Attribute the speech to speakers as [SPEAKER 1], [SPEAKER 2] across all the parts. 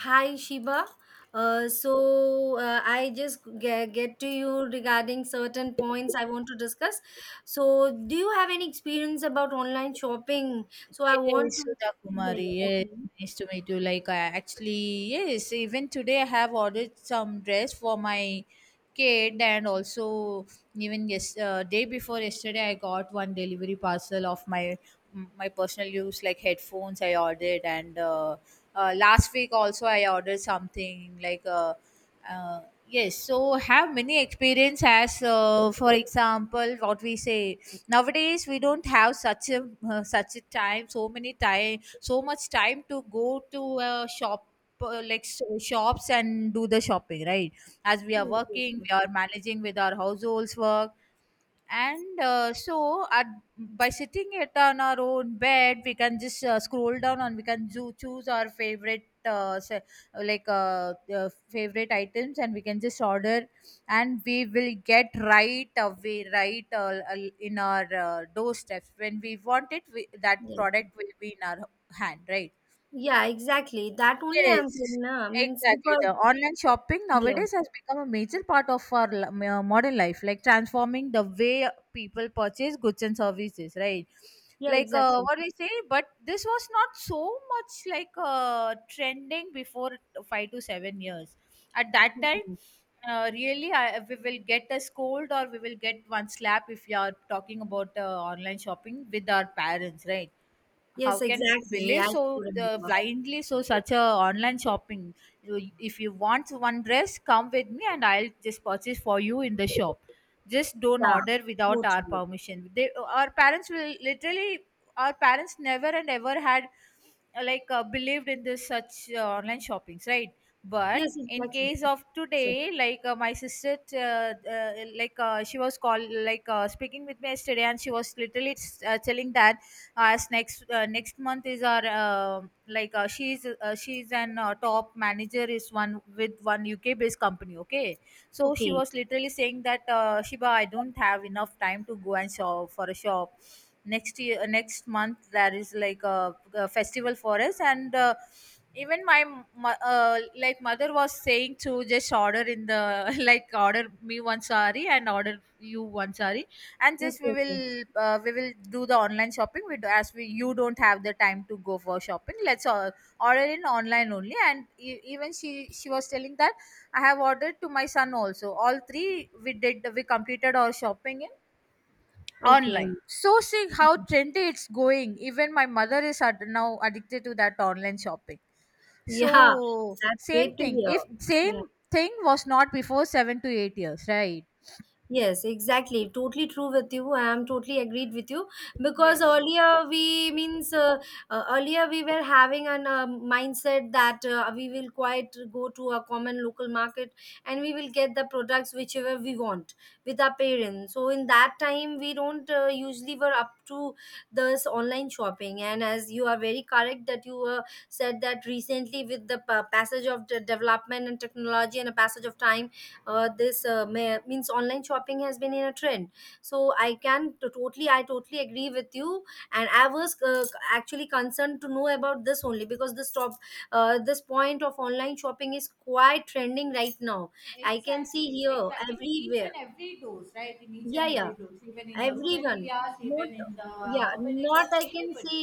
[SPEAKER 1] Hi Shiba. I just get to you regarding certain points I want to discuss. So do you have any experience about online shopping? So I want
[SPEAKER 2] Yes,
[SPEAKER 1] to.
[SPEAKER 2] Sudha
[SPEAKER 1] Yeah,
[SPEAKER 2] Kumari.
[SPEAKER 1] yeah,
[SPEAKER 2] Yes,
[SPEAKER 1] okay.
[SPEAKER 2] nice to meet you. Like, I actually, yes, even today I have ordered some dress for my kid, and also even yes, day before yesterday I got one delivery parcel of my personal use like headphones I ordered, and last week also I ordered something like uh, yes. So have many experience as for example what we say nowadays we don't have such a such a time so many time so much time to go to a shop like shops and do the shopping, right? As we are
[SPEAKER 1] Yes, yes,
[SPEAKER 2] working,
[SPEAKER 1] yes.
[SPEAKER 2] we are managing with our households work and so, at, by sitting it on our own bed, we can just scroll down and we can choose our favorite, like favorite items, and we can just order, and we will get right away, right in our doorsteps when we want it. We, that
[SPEAKER 1] Yeah.
[SPEAKER 2] product will be in our hand, right?
[SPEAKER 1] Yeah, exactly. That only I'm saying,
[SPEAKER 2] Yes,
[SPEAKER 1] na means
[SPEAKER 2] exactly.
[SPEAKER 1] because
[SPEAKER 2] The online shopping
[SPEAKER 1] yeah,
[SPEAKER 2] nowadays has become a major part of our modern life, like transforming the way people purchase goods and services, right?
[SPEAKER 1] yeah,
[SPEAKER 2] Like
[SPEAKER 1] exactly.
[SPEAKER 2] what we say, but this was not so much like trending before 5 to 7 years. At that time,
[SPEAKER 1] Mm-mm.
[SPEAKER 2] really, I, we will get a scold or we will get one slap if you are talking about online shopping with our parents, right? How
[SPEAKER 1] Yes,
[SPEAKER 2] can we
[SPEAKER 1] exactly.
[SPEAKER 2] believe
[SPEAKER 1] I do
[SPEAKER 2] so
[SPEAKER 1] remember.
[SPEAKER 2] blindly so such a online shopping. You- if you want one dress, come with me and I'll just purchase for you in the shop. Just don't
[SPEAKER 1] Yeah,
[SPEAKER 2] order without our
[SPEAKER 1] totally.
[SPEAKER 2] permission. They, our parents, will literally, our parents never and ever had like believed in this such online shoppings, right? But
[SPEAKER 1] Yes,
[SPEAKER 2] in
[SPEAKER 1] exactly.
[SPEAKER 2] case of
[SPEAKER 1] Sure.
[SPEAKER 2] today, like my sister, like she was call like speaking with me yesterday and she was literally telling that as next next month is our like she's an top manager is one with one UK based company, okay? So she
[SPEAKER 1] Okay.
[SPEAKER 2] was literally saying that Shiba, I don't have enough time to go and shop for a shop. Next year, next month there is like a festival for us and even my like mother was saying to just order in the like order me one sari and order you one sari and just
[SPEAKER 1] Okay.
[SPEAKER 2] we will do the online shopping we do, as we, you don't have the time to go for shopping, let's order in online only. And even she was telling that I have ordered to my son also, all three we did, we completed our shopping in
[SPEAKER 1] Okay.
[SPEAKER 2] online. So see how
[SPEAKER 1] Okay.
[SPEAKER 2] trendy it's going, even my mother is now addicted to that online shopping.
[SPEAKER 1] Yeah,
[SPEAKER 2] So
[SPEAKER 1] that's
[SPEAKER 2] same
[SPEAKER 1] great to
[SPEAKER 2] thing,
[SPEAKER 1] hear.
[SPEAKER 2] if same
[SPEAKER 1] Yeah.
[SPEAKER 2] thing was not before 7 to 8 years, right?
[SPEAKER 1] Yes, exactly. Totally true with you. I am totally agreed with you because
[SPEAKER 2] Yes, Sudha.
[SPEAKER 1] earlier we means earlier we were having an mindset that we will quite go to a common local market and we will get the products whichever we want with our parents. So in that time we don't usually were up to this online shopping. And as you are very correct that you said that recently with the passage of the development and technology and a passage of time, this means online shopping has been in a trend. So I can totally agree with you, and I was actually concerned to know about this only because this top this point of online shopping is quite trending right now. I can see
[SPEAKER 2] Exactly,
[SPEAKER 1] here
[SPEAKER 2] exactly. In each
[SPEAKER 1] everywhere.
[SPEAKER 2] and every dose, right? In each
[SPEAKER 1] Yeah,
[SPEAKER 2] and
[SPEAKER 1] yeah,
[SPEAKER 2] every dose, even in the rural
[SPEAKER 1] everyone.
[SPEAKER 2] areas,
[SPEAKER 1] Not,
[SPEAKER 2] even in the
[SPEAKER 1] yeah,
[SPEAKER 2] urban
[SPEAKER 1] not
[SPEAKER 2] areas, anybody.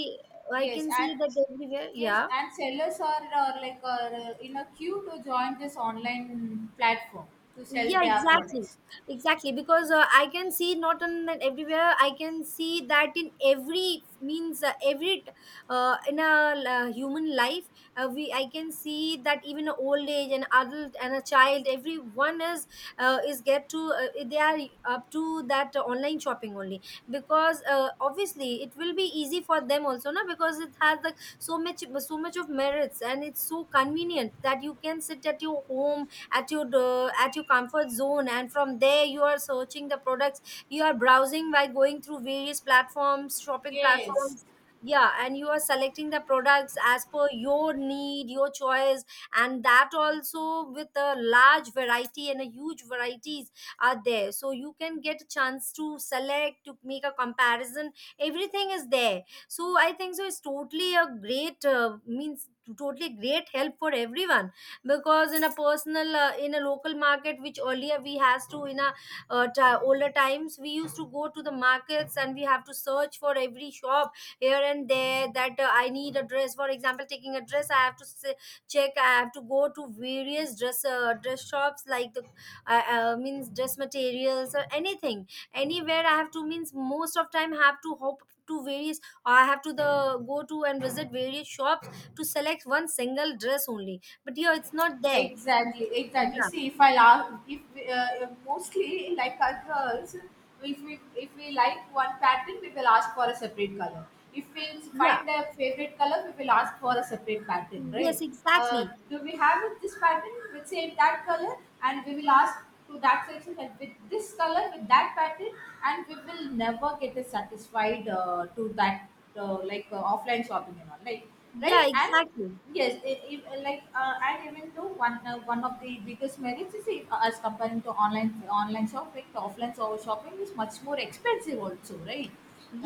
[SPEAKER 1] I
[SPEAKER 2] Yes,
[SPEAKER 1] can see
[SPEAKER 2] and
[SPEAKER 1] that everywhere.
[SPEAKER 2] yes,
[SPEAKER 1] Yeah.
[SPEAKER 2] and sellers are like in a queue to join this online platform to sell
[SPEAKER 1] Yeah,
[SPEAKER 2] their
[SPEAKER 1] exactly,
[SPEAKER 2] products.
[SPEAKER 1] exactly. Because I can see not on that everywhere. I can see that in every, means, every in a human life, we I can see that even a old age, an adult and a child, everyone is get to they are up to that online shopping only. Because obviously it will be easy for them also, no, because it has like so much of merits, and it's so convenient that you can sit at your home, at your at your comfort zone, and from there you are searching the products, you are browsing by going through various platforms, shopping
[SPEAKER 2] Yes.
[SPEAKER 1] platforms. Yeah. And you are selecting the products as per your need, your choice, and that also with a large variety and a huge varieties are there. So you can get a chance to select, to make a comparison, everything is there. So I think so it's totally a great means totally great help for everyone. Because in a personal, in a local market which earlier we has to in a ti older times, we used to go to the markets, and we have to search for every shop here and there, that I need a dress. For example, taking a dress, I have to check, I have to go to various dress dress shops, like the means dress materials or anything, anywhere I have to, means most of time have to hop to various, I have to the go to and visit various shops to select one single dress only, but here it's not there.
[SPEAKER 2] Exactly, exactly.
[SPEAKER 1] Yeah.
[SPEAKER 2] See, if I ask, if we, mostly like our girls, if we, if we like one pattern, we will ask for a separate color. If we
[SPEAKER 1] Yeah.
[SPEAKER 2] find a favorite color, we will ask for a separate pattern,
[SPEAKER 1] Yes,
[SPEAKER 2] right?
[SPEAKER 1] exactly.
[SPEAKER 2] Do we have with this pattern with same that color, and we will ask to that section that with this color with that pattern, and we will never get a satisfied to that like offline shopping and all, like,
[SPEAKER 1] Yeah,
[SPEAKER 2] right? And
[SPEAKER 1] exactly.
[SPEAKER 2] yes, like and even though one one of the biggest merits is if, as comparing to online shopping, the offline shopping is much more expensive also, right?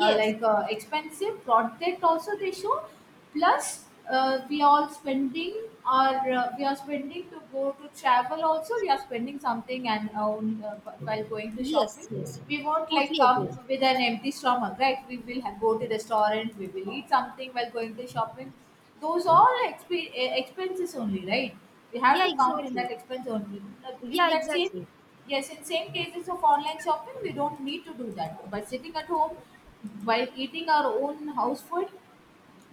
[SPEAKER 2] Like expensive product also they show. Plus, we are spending or we are spending to go to travel also. We are spending something and while going to shopping,
[SPEAKER 1] yes, yes,
[SPEAKER 2] we won't like
[SPEAKER 1] totally
[SPEAKER 2] come
[SPEAKER 1] agree.
[SPEAKER 2] with an empty stomach, right? We will go to restaurant. We will eat something while going to shopping, those all expenses only, right? We have
[SPEAKER 1] Yeah,
[SPEAKER 2] to count in
[SPEAKER 1] exactly.
[SPEAKER 2] that expense only. Like, in
[SPEAKER 1] Yeah,
[SPEAKER 2] that same,
[SPEAKER 1] exactly.
[SPEAKER 2] yes, in same cases of online shopping we don't need to do that, by sitting at home while eating our own house food,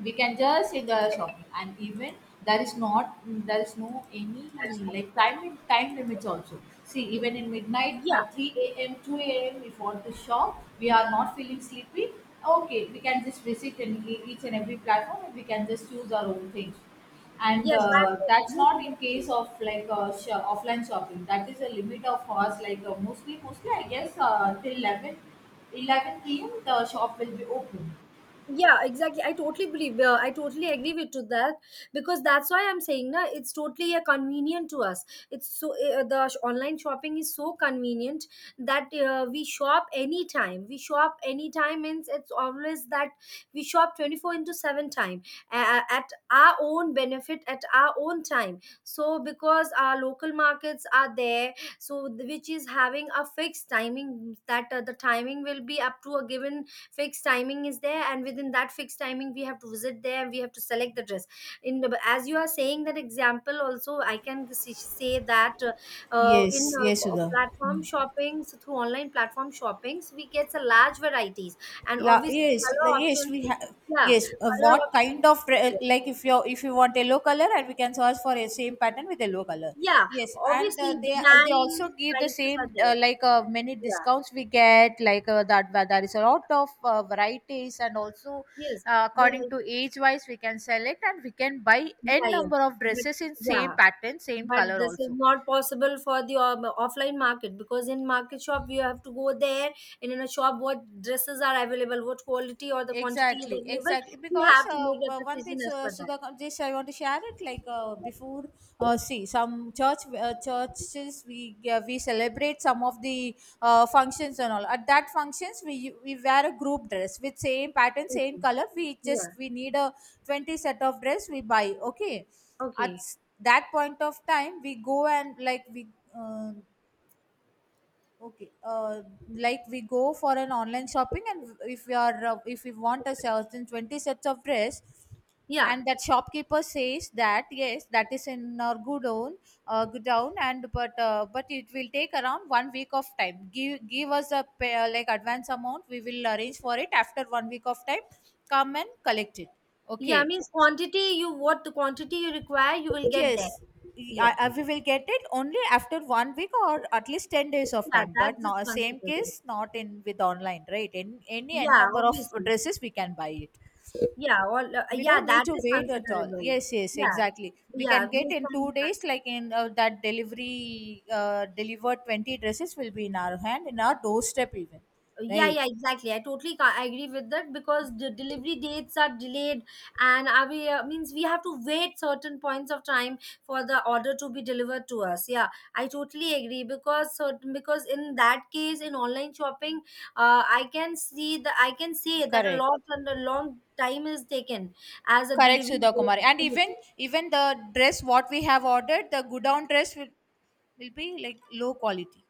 [SPEAKER 2] we can just in the shopping. And even there is not there is no any like time limits also. See, even in midnight
[SPEAKER 1] Yeah.
[SPEAKER 2] at 3 a.m., 2 a.m., we want to shop, we are not feeling sleepy, okay, we can just visit and each and every platform and we can just choose our own things. And
[SPEAKER 1] Yes,
[SPEAKER 2] that's
[SPEAKER 1] yes,
[SPEAKER 2] not in
[SPEAKER 1] exactly.
[SPEAKER 2] case of like offline shopping, that is a limit of us, like mostly, mostly I guess till 11, 11 p.m. the shop will be open.
[SPEAKER 1] Yeah, exactly. I totally believe. I totally agree with to that. Because that's why I'm saying, na, it's totally convenient to us. It's so online shopping is so convenient that we shop anytime, means it's always that we shop 24 into 7 time, at our own benefit, at our own time. So because our local markets are there, so which is having a fixed timing, that the timing will be up to a given fixed timing is there, and within that fixed timing we have to visit there and we have to select the dress. In the, as you are saying that example, also I can say that in
[SPEAKER 2] Yes, yes, Sudha.
[SPEAKER 1] platform shoppings, through online platform shoppings we get a large varieties, and obviously
[SPEAKER 2] Yes,
[SPEAKER 1] color
[SPEAKER 2] like, yes,
[SPEAKER 1] options.
[SPEAKER 2] we have.
[SPEAKER 1] Yeah,
[SPEAKER 2] Yes,
[SPEAKER 1] color
[SPEAKER 2] what
[SPEAKER 1] options
[SPEAKER 2] kind of
[SPEAKER 1] are there.
[SPEAKER 2] like if you, if you want yellow color, and we can search for a same pattern with yellow color.
[SPEAKER 1] Yeah,
[SPEAKER 2] Yes, and
[SPEAKER 1] obviously
[SPEAKER 2] they also
[SPEAKER 1] design,
[SPEAKER 2] give the
[SPEAKER 1] prices are
[SPEAKER 2] same
[SPEAKER 1] there.
[SPEAKER 2] like many
[SPEAKER 1] Yeah.
[SPEAKER 2] discounts we get, like that, where there is a lot of varieties, and also
[SPEAKER 1] Yes.
[SPEAKER 2] according
[SPEAKER 1] Well,
[SPEAKER 2] to age wise we can select and we can buy
[SPEAKER 1] yeah,
[SPEAKER 2] n
[SPEAKER 1] yeah,
[SPEAKER 2] number of
[SPEAKER 1] but
[SPEAKER 2] dresses in
[SPEAKER 1] yeah,
[SPEAKER 2] same pattern, same
[SPEAKER 1] but
[SPEAKER 2] color
[SPEAKER 1] this is
[SPEAKER 2] also.
[SPEAKER 1] not possible for the offline market, because in market shop you have to go there, and in a shop what dresses are available, what quality or the quantity is
[SPEAKER 2] Exactly,
[SPEAKER 1] available,
[SPEAKER 2] exactly,
[SPEAKER 1] you
[SPEAKER 2] because
[SPEAKER 1] have to make a
[SPEAKER 2] one thing,
[SPEAKER 1] decision as per that.
[SPEAKER 2] Sudhakam, just I want to share it, like before see some church, churches we, we celebrate some of the functions and all. At that functions we wear a group dress with same pattern, same
[SPEAKER 1] Okay.
[SPEAKER 2] color. We just,
[SPEAKER 1] Yeah.
[SPEAKER 2] we need a 20 set of dress we buy, okay? At
[SPEAKER 1] Okay.
[SPEAKER 2] that point of time we go and like we, uh, okay, like we go for an online shopping, and if we are, if we want a certain 20 sets of dress,
[SPEAKER 1] Yeah.
[SPEAKER 2] and that shopkeeper says that yes, that is in our good own, and but it will take around 1 week of time. Give us a pay, like advance amount. We will arrange for it after 1 week of time. Come and collect it,
[SPEAKER 1] Yeah.
[SPEAKER 2] okay?
[SPEAKER 1] Means quantity, you, what the quantity you require, you will get there.
[SPEAKER 2] Yes,
[SPEAKER 1] Yeah.
[SPEAKER 2] I, we will get it only after 1 week or at least 10 days of
[SPEAKER 1] Yeah,
[SPEAKER 2] time. But
[SPEAKER 1] that's just
[SPEAKER 2] no, same
[SPEAKER 1] considerable.
[SPEAKER 2] case, not in with online, right? In any n
[SPEAKER 1] Yeah,
[SPEAKER 2] number of
[SPEAKER 1] obviously.
[SPEAKER 2] dresses, we can buy it.
[SPEAKER 1] Yeah, all.
[SPEAKER 2] We
[SPEAKER 1] Yeah,
[SPEAKER 2] don't need
[SPEAKER 1] that
[SPEAKER 2] to
[SPEAKER 1] is
[SPEAKER 2] wait at all.
[SPEAKER 1] considerable.
[SPEAKER 2] Yes, yes,
[SPEAKER 1] Yeah.
[SPEAKER 2] exactly. We
[SPEAKER 1] Yeah,
[SPEAKER 2] can get
[SPEAKER 1] this
[SPEAKER 2] in
[SPEAKER 1] can
[SPEAKER 2] two
[SPEAKER 1] be
[SPEAKER 2] days,
[SPEAKER 1] considerable.
[SPEAKER 2] like in that delivery, delivered 20 dresses will be in our hand, in our doorstep even,
[SPEAKER 1] Yeah,
[SPEAKER 2] right?
[SPEAKER 1] yeah, exactly. I totally I agree with that, because the delivery dates are delayed, and are we means we have to wait certain points of time for the order to be delivered to us. Yeah, I totally agree, because certain, because in that case, in online shopping, I can see the, I can say that a
[SPEAKER 2] Correct.
[SPEAKER 1] lot and a long time is taken as a
[SPEAKER 2] Correct,
[SPEAKER 1] delivery
[SPEAKER 2] Sudha Kumari. And even
[SPEAKER 1] date.
[SPEAKER 2] even the dress what we have ordered, the good down dress will be like low quality.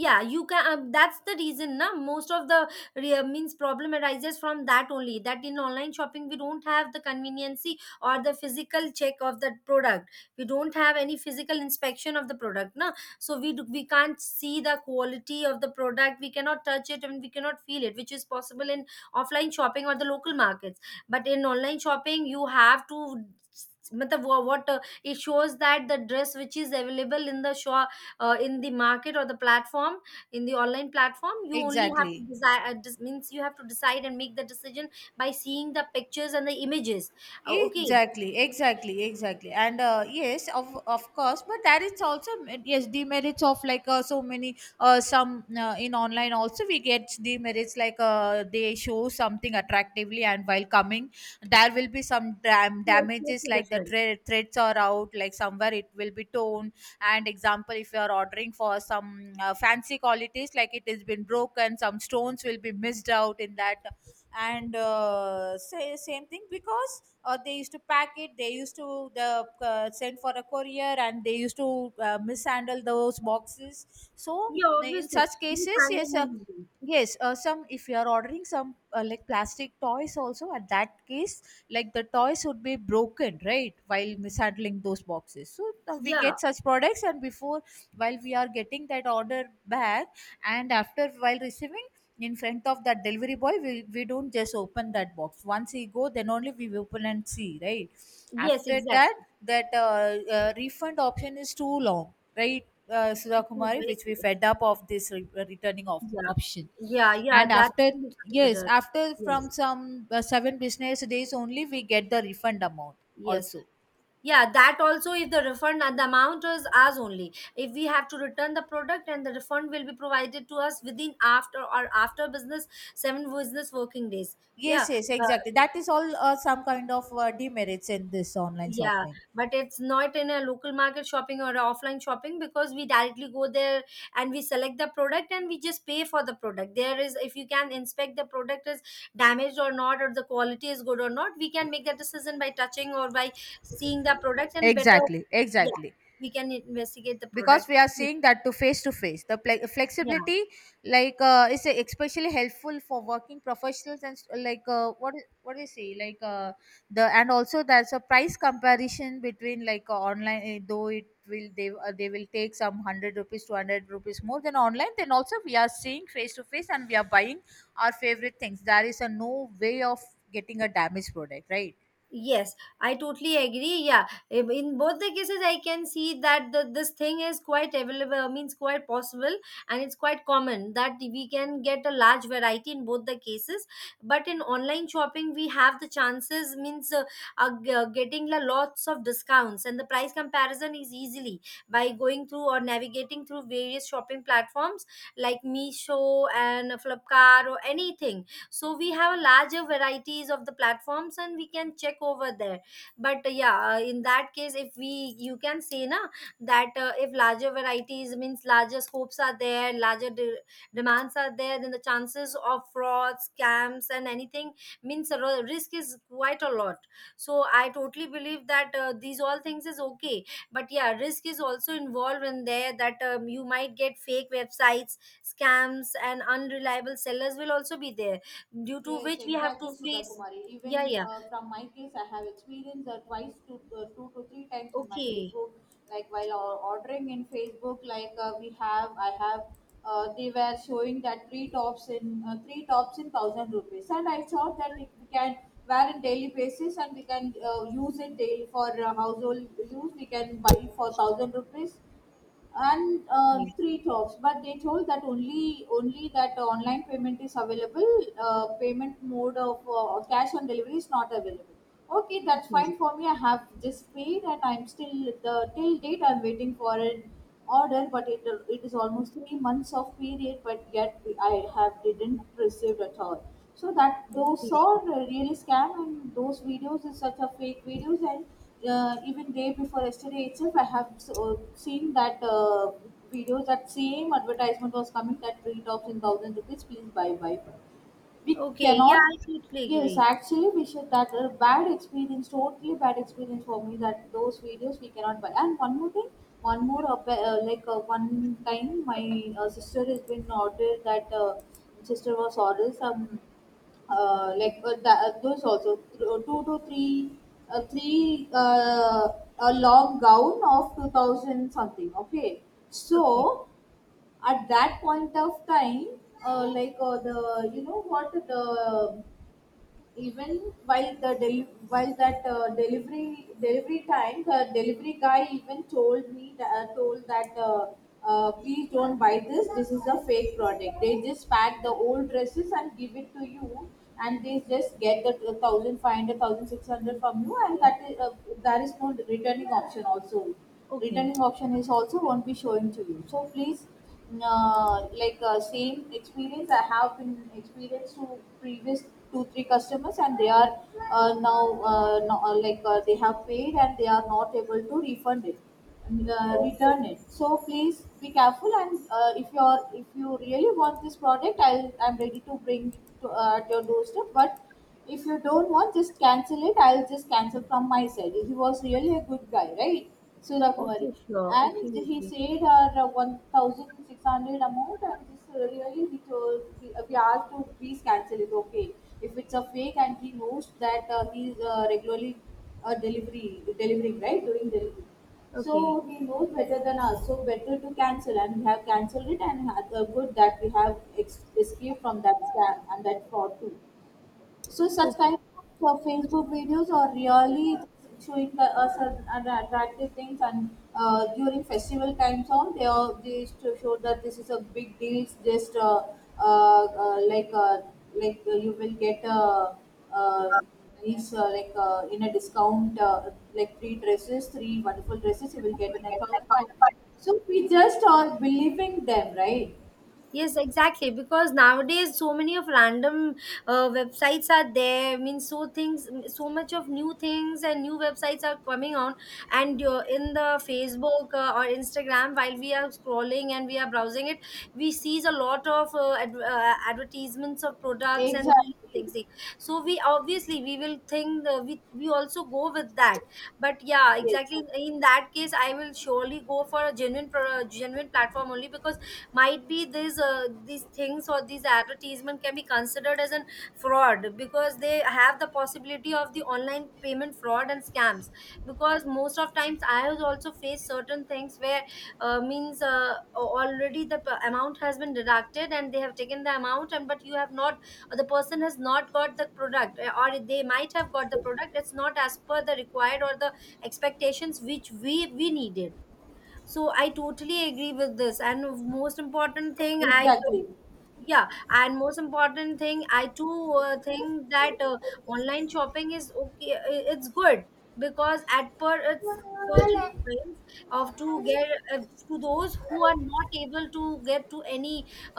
[SPEAKER 1] Yeah, you can, that's the reason, na, most of the means problem arises from that only, that in online shopping we don't have the conveniency or the physical check of the product, we don't have any physical inspection of the product, na. So we do, we can't see the quality of the product, we cannot touch it and we cannot feel it, which is possible in offline shopping or the local markets. But in online shopping you have to, मतलब what it shows that the dress which is available in the shop, in the market or the platform, in the online platform you only have to
[SPEAKER 2] Exactly.
[SPEAKER 1] decide, means, you have to decide and make the decision by seeing the pictures and the images. Okay.
[SPEAKER 2] Exactly, exactly, exactly, and yes, of course, but that is also yes demerits of like so many some in online also we get demerits, like they show something attractively and while coming there will be some
[SPEAKER 1] So it's
[SPEAKER 2] damages,
[SPEAKER 1] totally
[SPEAKER 2] like the
[SPEAKER 1] different.
[SPEAKER 2] threads are out, like somewhere it will be torn, and example if you are ordering for some fancy qualities, like it has been broken, some stones will be missed out in that. And say, same thing, because or they used to pack it, they used to the send for a courier and they used to mishandle those boxes. So
[SPEAKER 1] Yeah,
[SPEAKER 2] in
[SPEAKER 1] obviously.
[SPEAKER 2] such
[SPEAKER 1] You
[SPEAKER 2] cases, yes,
[SPEAKER 1] can.
[SPEAKER 2] yes, some if you are ordering some like plastic toys also, at that case like the toys would be broken, right, while mishandling those boxes. So we
[SPEAKER 1] Yeah.
[SPEAKER 2] get such products, and before while we are getting that order back and after while receiving in front of that delivery boy, we don't just open that box. Once he go then only we open and see, right?
[SPEAKER 1] Yes,
[SPEAKER 2] After that,
[SPEAKER 1] exactly.
[SPEAKER 2] that refund option is too long, right, Sudha
[SPEAKER 1] It was
[SPEAKER 2] Kumari,
[SPEAKER 1] very
[SPEAKER 2] which
[SPEAKER 1] clear.
[SPEAKER 2] we fed up of this returning of
[SPEAKER 1] Yeah,
[SPEAKER 2] option.
[SPEAKER 1] yeah, yeah,
[SPEAKER 2] And
[SPEAKER 1] that
[SPEAKER 2] after
[SPEAKER 1] can be
[SPEAKER 2] yes,
[SPEAKER 1] considered.
[SPEAKER 2] after from
[SPEAKER 1] Yes,
[SPEAKER 2] some 7 business days only, we get the refund amount
[SPEAKER 1] yes.
[SPEAKER 2] also.
[SPEAKER 1] Yeah, that also is the refund, and the amount is ours only. If we have to return the product and the refund will be provided to us within after or after business, seven business working days.
[SPEAKER 2] Yes,
[SPEAKER 1] Yeah,
[SPEAKER 2] yes,
[SPEAKER 1] uh,
[SPEAKER 2] exactly. That is all some kind of demerits in this online
[SPEAKER 1] yeah,
[SPEAKER 2] shopping.
[SPEAKER 1] but it's not in a local market shopping or a offline shopping, because we directly go there and we select the product and we just pay for the product. There is, if you can inspect the product is damaged or not, or the quality is good or not, we can make that decision by touching or by seeing the product and better.
[SPEAKER 2] Exactly,
[SPEAKER 1] Yeah,
[SPEAKER 2] exactly.
[SPEAKER 1] we can investigate the
[SPEAKER 2] Because
[SPEAKER 1] product.
[SPEAKER 2] we are seeing that to face the
[SPEAKER 1] Yeah.
[SPEAKER 2] flexibility is especially helpful for working professionals and s- like what do you say like the and also there's a price comparison between online, though it will they will take some 100 rupees 200 rupees more than online, then also we are seeing face to face and we are buying our favorite things. There is a no way of getting a damaged product, right?
[SPEAKER 1] Yes, I totally agree. Yeah, in both the cases I can see that, the this thing is quite available, means quite possible, and it's quite common that we can get a large variety in both the cases. But in online shopping, we have the chances, means getting la lots of discounts, and the price comparison is easily by going through or navigating through various shopping platforms like Meesho and Flipkart or anything. So we have a larger varieties of the platforms and we can check over there. But yeah, in that case, if we, you can say, na, that if larger varieties, means larger scopes are there, larger demands are there, then the chances of fraud, scams and anything, means the risk is quite a lot. So I totally believe that these all things is okay, but yeah, risk is also involved in there, that you might get fake websites, scams and unreliable sellers will also be there, due to
[SPEAKER 2] Yes,
[SPEAKER 1] which we have to
[SPEAKER 2] exactly, Sudha
[SPEAKER 1] face.
[SPEAKER 2] Kumari.
[SPEAKER 1] Yeah,
[SPEAKER 2] Even
[SPEAKER 1] yeah.
[SPEAKER 2] from my case, I have experienced twice to two to three times in my
[SPEAKER 1] Okay.
[SPEAKER 2] Facebook. Like while ordering in Facebook, I have, they were showing that three tops in thousand rupees, and I thought that it, we can wear on daily basis and we can use it daily for household use. We can buy for thousand rupees and
[SPEAKER 1] Okay.
[SPEAKER 2] three tops, but they told that only that online payment is available. Payment mode of cash on delivery is not available. Okay, that's
[SPEAKER 1] Okay.
[SPEAKER 2] fine for me. I have just paid, and I'm still, the till date I'm waiting for an order, but it is almost 3 months of period, but yet I have didn't received at all. So that those
[SPEAKER 1] Okay.
[SPEAKER 2] are really scam, and those videos is such a fake videos. And even day before yesterday itself, I have seen that video, that same advertisement was coming that tree tops in thousand rupees. Please buy, buy. We
[SPEAKER 1] Okay. Yeah,
[SPEAKER 2] cannot.
[SPEAKER 1] I totally
[SPEAKER 2] Yes,
[SPEAKER 1] agree.
[SPEAKER 2] actually, we should. That a bad experience, totally bad experience for me. That those videos we cannot buy. And one more thing, one more like one my uh, husband ordered that sister was ordered some like that, those also th- two to three three a long gown of 2000 something, okay.
[SPEAKER 1] Okay.
[SPEAKER 2] So at that point of time, like the you know what the even while the while that delivery, delivery time, the delivery guy even told me told that please don't buy this, this is a fake product. They just pack the old dresses and give it to you, and they just get the 1500 from you, and
[SPEAKER 1] Okay.
[SPEAKER 2] that is, there is no returning option also.
[SPEAKER 1] Okay.
[SPEAKER 2] Returning option is also won't be showing to you. So please, same experience I have been experienced to previous 2 3 customers, and they are now no, like they have paid and they are not able to refund it and,
[SPEAKER 1] Okay.
[SPEAKER 2] return it. So please be careful. And if you are, if you really want this product, I'm ready to bring to, at your doorstep. But if you don't want, just cancel it. I'll just cancel from my side. He was really a good guy, right, Surakumari?
[SPEAKER 1] Okay, sure. Okay.
[SPEAKER 2] And he
[SPEAKER 1] Okay.
[SPEAKER 2] said our 1600 amount, and just really he told he, we asked to please cancel it. Okay, if it's a fake. And he knows that he's regularly delivery delivering right, doing delivery. So
[SPEAKER 1] Okay.
[SPEAKER 2] he knows better than us, so better to cancel. And we have cancelled it, and had, good that we have escaped from that scam and that fraud too. So such
[SPEAKER 1] Okay.
[SPEAKER 2] kind of Facebook videos are really showing us an attractive things. And during festival times on, they all they used to show that this is a big deal. Just uh, uh, like uh, like you will get uh, these like in a discount, like three dresses, three wonderful dresses you will get in
[SPEAKER 1] Okay.
[SPEAKER 2] a thousand five.
[SPEAKER 1] Okay.
[SPEAKER 2] So we just are believing them, right?
[SPEAKER 1] Yes, exactly. Because nowadays, so many of random websites are there. I mean, so things, so much of new things and new websites are coming on. And in the Facebook or Instagram, while we are scrolling and we are browsing it, we sees a lot of advertisements of products and
[SPEAKER 2] Exactly.
[SPEAKER 1] things. So we obviously we will think, we also go with that. But yeah,
[SPEAKER 2] Yes,
[SPEAKER 1] exactly. In that case, I will surely go for a genuine genuine platform only because might be these things or these advertisement can be considered as an fraud because they have the possibility of the online payment fraud and scams because most of times I have also faced certain things where means already the amount has been deducted and they have taken the amount and but you have not or the person has not got the product, or they might have got the product, it's not as per the required or the expectations which we needed. So I totally agree with this. And most important thing I,
[SPEAKER 2] exactly.
[SPEAKER 1] yeah, and most important thing I too think that online shopping is okay, it's good because at per it's certain points of to get uh, to those who are not able to get to any,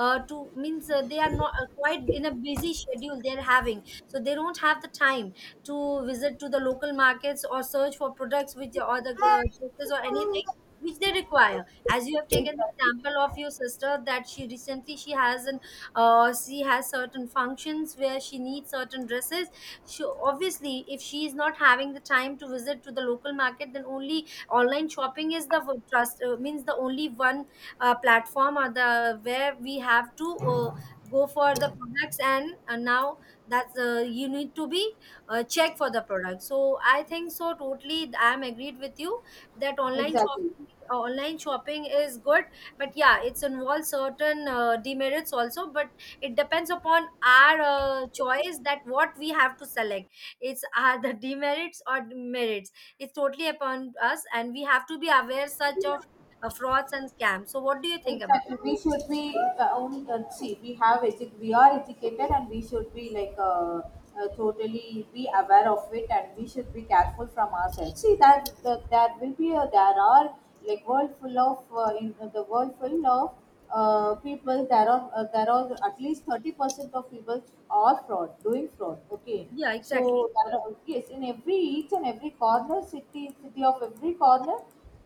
[SPEAKER 1] to means they are not quite in a busy schedule they're having, so they don't have the time to visit to the local markets or search for products which, or the dresses or anything which they require, as you have taken the
[SPEAKER 2] Exactly.
[SPEAKER 1] example of your sister that she recently she has an, she has certain functions where she needs certain dresses. She obviously, if she is not having the time to visit to the local market, then only online shopping is the trust, means the only one platform or the where we have to go for the products. And now that's, you need to be check for the product. So I think so totally I am agreed with you that online
[SPEAKER 2] Exactly.
[SPEAKER 1] shopping uh, online shopping is good. But yeah, it's involves certain demerits also, but it depends upon our choice that what we have to select. It's are the demerits or merits, it's totally upon us and we have to be aware such of frauds and scams. So what do you think about?
[SPEAKER 2] Exactly. We should be only see, we have we are educated, and we should be totally be aware of it, and we should be careful from ourselves. See that there will be there are like world full of in the world full of people. There are at least 30% of people are fraud, doing fraud. Okay.
[SPEAKER 1] Yeah, exactly.
[SPEAKER 2] So there are, yes, in every each and every corner, city of every corner,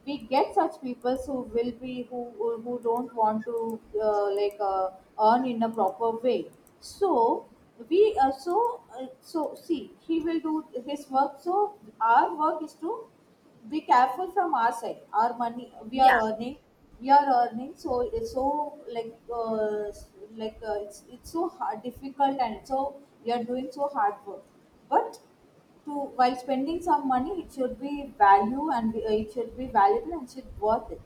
[SPEAKER 2] we get such people who will be who don't want to uh, like uh, earn in a proper way. So we so so see, he will do his work. So our work is to be careful from our side. Our money, we are
[SPEAKER 1] Yeah,
[SPEAKER 2] earning, we are earning. So it's so like uh, it's so hard, difficult. And so we are doing so hard work, but to while spending some money, it should be value and it should be valuable and should worth it.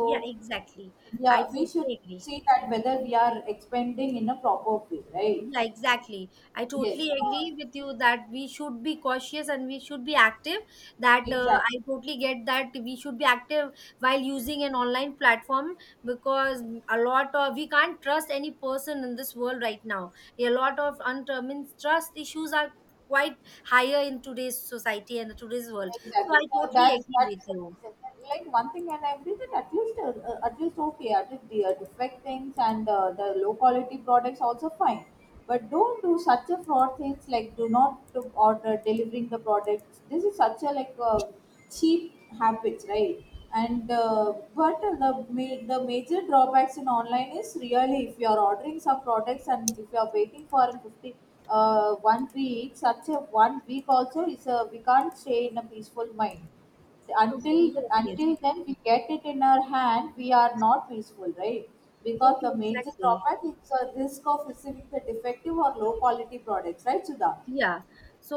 [SPEAKER 1] yeah, exactly, I
[SPEAKER 2] yeah, we should
[SPEAKER 1] totally agree.
[SPEAKER 2] see that whether we are expending in a proper way, right?
[SPEAKER 1] Yeah, exactly. I
[SPEAKER 2] Yes.
[SPEAKER 1] totally agree with you that we should be cautious and we should be active. That
[SPEAKER 2] Exactly.
[SPEAKER 1] I totally get that we should be active while using an online platform, because a lot of, we can't trust any person in this world right now. A lot of undetermined trust issues are quite higher in today's society and today's world. So
[SPEAKER 2] Exactly.
[SPEAKER 1] I
[SPEAKER 2] So
[SPEAKER 1] totally
[SPEAKER 2] that
[SPEAKER 1] agree
[SPEAKER 2] that
[SPEAKER 1] with
[SPEAKER 2] is the
[SPEAKER 1] you.
[SPEAKER 2] reason. Like one thing and I agree that at least, at least, okay, at least the defect things and the low quality products also fine. But don't do such a fraud things, like do not to order delivering the products. This is such a cheap habits, right? And but the the major drawbacks in online is really if you are ordering some products, and if you are waiting for in 50 1 week, such a 1 week also is a we can't stay in a peaceful mind
[SPEAKER 1] Okay,
[SPEAKER 2] until
[SPEAKER 1] yes, yes.
[SPEAKER 2] until then we get it in our hand, we are not peaceful, right? Because
[SPEAKER 1] Okay,
[SPEAKER 2] the major
[SPEAKER 1] exactly.
[SPEAKER 2] drawback is a risk of receiving the defective or low quality products, right, Sudha?
[SPEAKER 1] Yeah.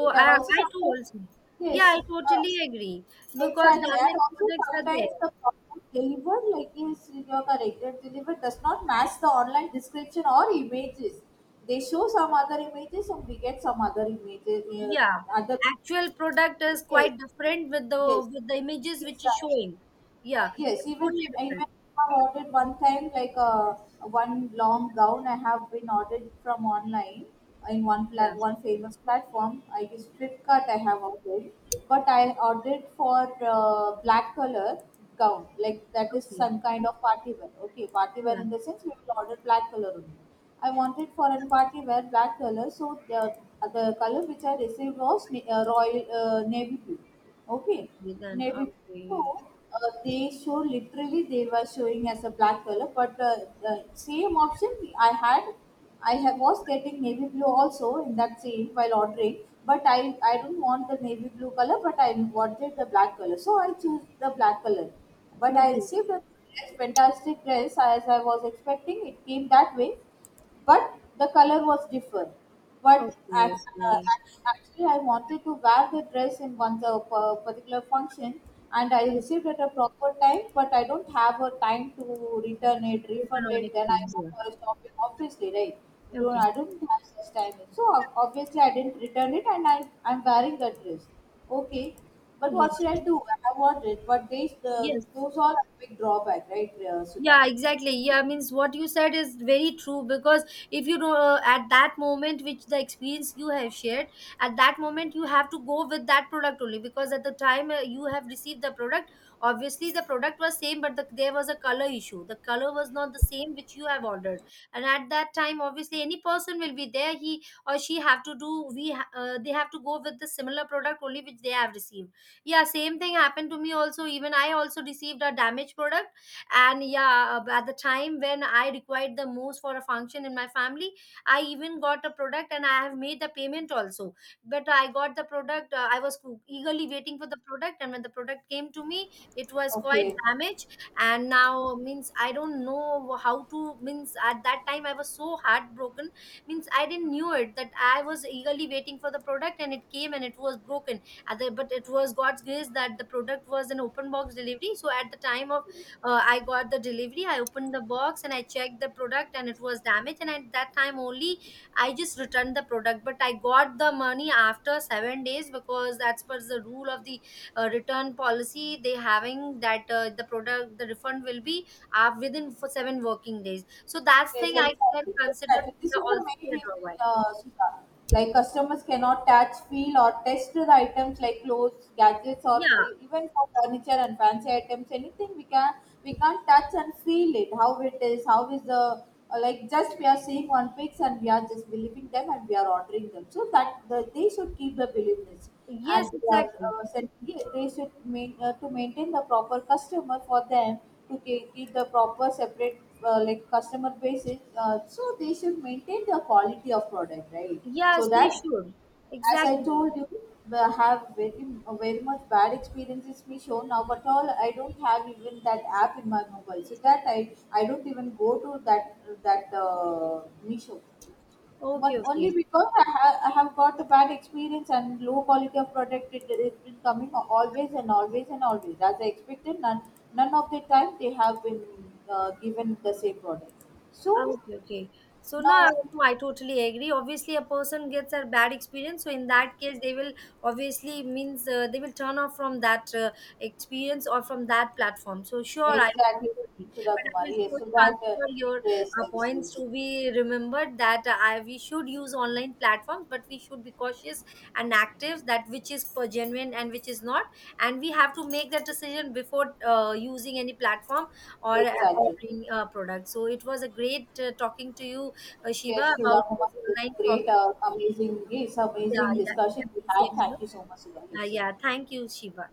[SPEAKER 2] We can
[SPEAKER 1] I,
[SPEAKER 2] also
[SPEAKER 1] I
[SPEAKER 2] sometimes,
[SPEAKER 1] told, yeah,
[SPEAKER 2] yes.
[SPEAKER 1] I
[SPEAKER 2] Uh,
[SPEAKER 1] totally agree because
[SPEAKER 2] Exactly. And
[SPEAKER 1] damaged
[SPEAKER 2] also
[SPEAKER 1] products are
[SPEAKER 2] sometimes
[SPEAKER 1] there.
[SPEAKER 2] the product delivered, like yes, you are correct, that delivered does not match the online description or images. They show some other images, and we get some other images. Uh,
[SPEAKER 1] Yeah.
[SPEAKER 2] other
[SPEAKER 1] Actual product is
[SPEAKER 2] Yes,
[SPEAKER 1] quite different with the
[SPEAKER 2] yes,
[SPEAKER 1] with the images which is
[SPEAKER 2] exactly.
[SPEAKER 1] showing. Yeah.
[SPEAKER 2] Yes,
[SPEAKER 1] It's
[SPEAKER 2] even,
[SPEAKER 1] totally
[SPEAKER 2] even
[SPEAKER 1] different.
[SPEAKER 2] I have ordered one time like one long gown I have been ordered from online in
[SPEAKER 1] Yeah.
[SPEAKER 2] one famous platform. I use Flipkart, I have ordered, but I ordered for black color gown, like that is
[SPEAKER 1] Okay.
[SPEAKER 2] some kind of party wear. Okay, party wear
[SPEAKER 1] Yeah.
[SPEAKER 2] in the sense we will order black color only. I wanted for a party wear black color, so the color which I received was royal navy blue. Okay,
[SPEAKER 1] Okay then.
[SPEAKER 2] navy blue.
[SPEAKER 1] Okay.
[SPEAKER 2] They show literally, they were showing as a black color, but the same option I had, I have, was getting navy blue also in that same while ordering. But I don't want the navy blue color, but I wanted the black color, so I choose the black color. But I
[SPEAKER 1] Okay.
[SPEAKER 2] received a dress, fantastic dress as I was expecting. It came that way, but the color was different. But
[SPEAKER 1] Okay.
[SPEAKER 2] act, Actually, I wanted to wear the dress in particular function, and I
[SPEAKER 1] Okay.
[SPEAKER 2] received at a proper time. But I don't have a time to return it, refund
[SPEAKER 1] Electronic
[SPEAKER 2] it. Then I
[SPEAKER 1] change.
[SPEAKER 2] go
[SPEAKER 1] Yeah.
[SPEAKER 2] for a shopping, obviously, right?
[SPEAKER 1] Okay.
[SPEAKER 2] Don't I don't have such time. So obviously, I didn't return it, and I'm wearing the dress. Okay. But
[SPEAKER 1] Yeah.
[SPEAKER 2] what should I do? I want it, but these the
[SPEAKER 1] Yes.
[SPEAKER 2] those are a big drawback, right, Sudha?
[SPEAKER 1] Yeah, exactly. Yeah, means what you said is very true, because if you know, at that moment which the experience you have shared, at that moment you have to go with that product only, because at the time you have received the product, obviously the product was same, but the, there was a color issue, the color was not the same which you have ordered. And at that time obviously any person will be there, he or she have to do, they have to go with the similar product only which they have received. Yeah, same thing happened to me also. Even I also received a damaged product, and yeah, at the time when I required the most for a function in my family, I even got a product and I have made the payment also. But I got the product, I was eagerly waiting for the product, and when the product came to me, it was quite
[SPEAKER 2] Okay.
[SPEAKER 1] damaged. And now means I don't know how to, means at that time I was so heartbroken. Means I didn't knew it, that I was eagerly waiting for the product and it came and it was broken. At the, but it was god's grace that the product was an open box delivery. So at the time of, I got the delivery, I opened the box and I checked the product, and it was damaged. And at that time only, I just returned the product. But I got the money after 7 days, because that's what's the rule of the return policy. They having that, the product, the refund will be within for 7 working days. So that's
[SPEAKER 2] Yes,
[SPEAKER 1] thing I can
[SPEAKER 2] exactly.
[SPEAKER 1] consider
[SPEAKER 2] Exactly.
[SPEAKER 1] to be
[SPEAKER 2] This is the
[SPEAKER 1] also be
[SPEAKER 2] main
[SPEAKER 1] a
[SPEAKER 2] reason,
[SPEAKER 1] drawback.
[SPEAKER 2] Sudha. Like customers cannot touch, feel, or test the items like clothes, gadgets, or
[SPEAKER 1] Yeah.
[SPEAKER 2] even for furniture and fancy items. Anything we can't touch and feel it. How it is, how is the like just we are seeing on pics and we are just believing them and we are ordering them. So that they should keep the beliefness,
[SPEAKER 1] Yes.
[SPEAKER 2] and they are
[SPEAKER 1] Exactly.
[SPEAKER 2] selling it, they should to maintain the proper customer for them to keep the proper separate customer basis. So they should maintain the quality of product, right?
[SPEAKER 1] Yes,
[SPEAKER 2] So
[SPEAKER 1] they
[SPEAKER 2] that,
[SPEAKER 1] should.
[SPEAKER 2] as I
[SPEAKER 1] Exactly.
[SPEAKER 2] told you, I have very very much bad experiences me shown now, but all I don't have even that app in my mobile, so that I don't even go to that that Meesho
[SPEAKER 1] Okay.
[SPEAKER 2] one,
[SPEAKER 1] Okay.
[SPEAKER 2] only because I have got a bad experience and low quality of product. It has been coming always and always and always as I expected. None of the time they have been given the same product. So
[SPEAKER 1] Okay, okay. So no, I
[SPEAKER 2] now
[SPEAKER 1] no, I totally agree. Obviously, a person gets a bad experience. So in that case, they will obviously means, they will turn off from that experience or from that platform. So sure, I
[SPEAKER 2] exactly,
[SPEAKER 1] agree.
[SPEAKER 2] Sudha
[SPEAKER 1] But I will
[SPEAKER 2] Kumari. Yes, so
[SPEAKER 1] surely
[SPEAKER 2] that
[SPEAKER 1] consider your
[SPEAKER 2] yes, yes,
[SPEAKER 1] points
[SPEAKER 2] yes,
[SPEAKER 1] to be remembered, that I, we should use online platforms, but we should be cautious and active, that which is per genuine and which is not, and we have to make that decision before using any platform or
[SPEAKER 2] exactly.
[SPEAKER 1] ordering a product. So it was a great talking to you, Shiva,
[SPEAKER 2] Yes, Sudha
[SPEAKER 1] about this
[SPEAKER 2] Kumari, it was
[SPEAKER 1] online
[SPEAKER 2] great,
[SPEAKER 1] shopping.
[SPEAKER 2] amazing, yes,
[SPEAKER 1] Yeah,
[SPEAKER 2] amazing
[SPEAKER 1] yeah,
[SPEAKER 2] discussion we
[SPEAKER 1] exactly.
[SPEAKER 2] had.
[SPEAKER 1] Same here.
[SPEAKER 2] Thank you so much, Sudha.
[SPEAKER 1] Uh,
[SPEAKER 2] Yes.
[SPEAKER 1] yeah, thank you, Shiva.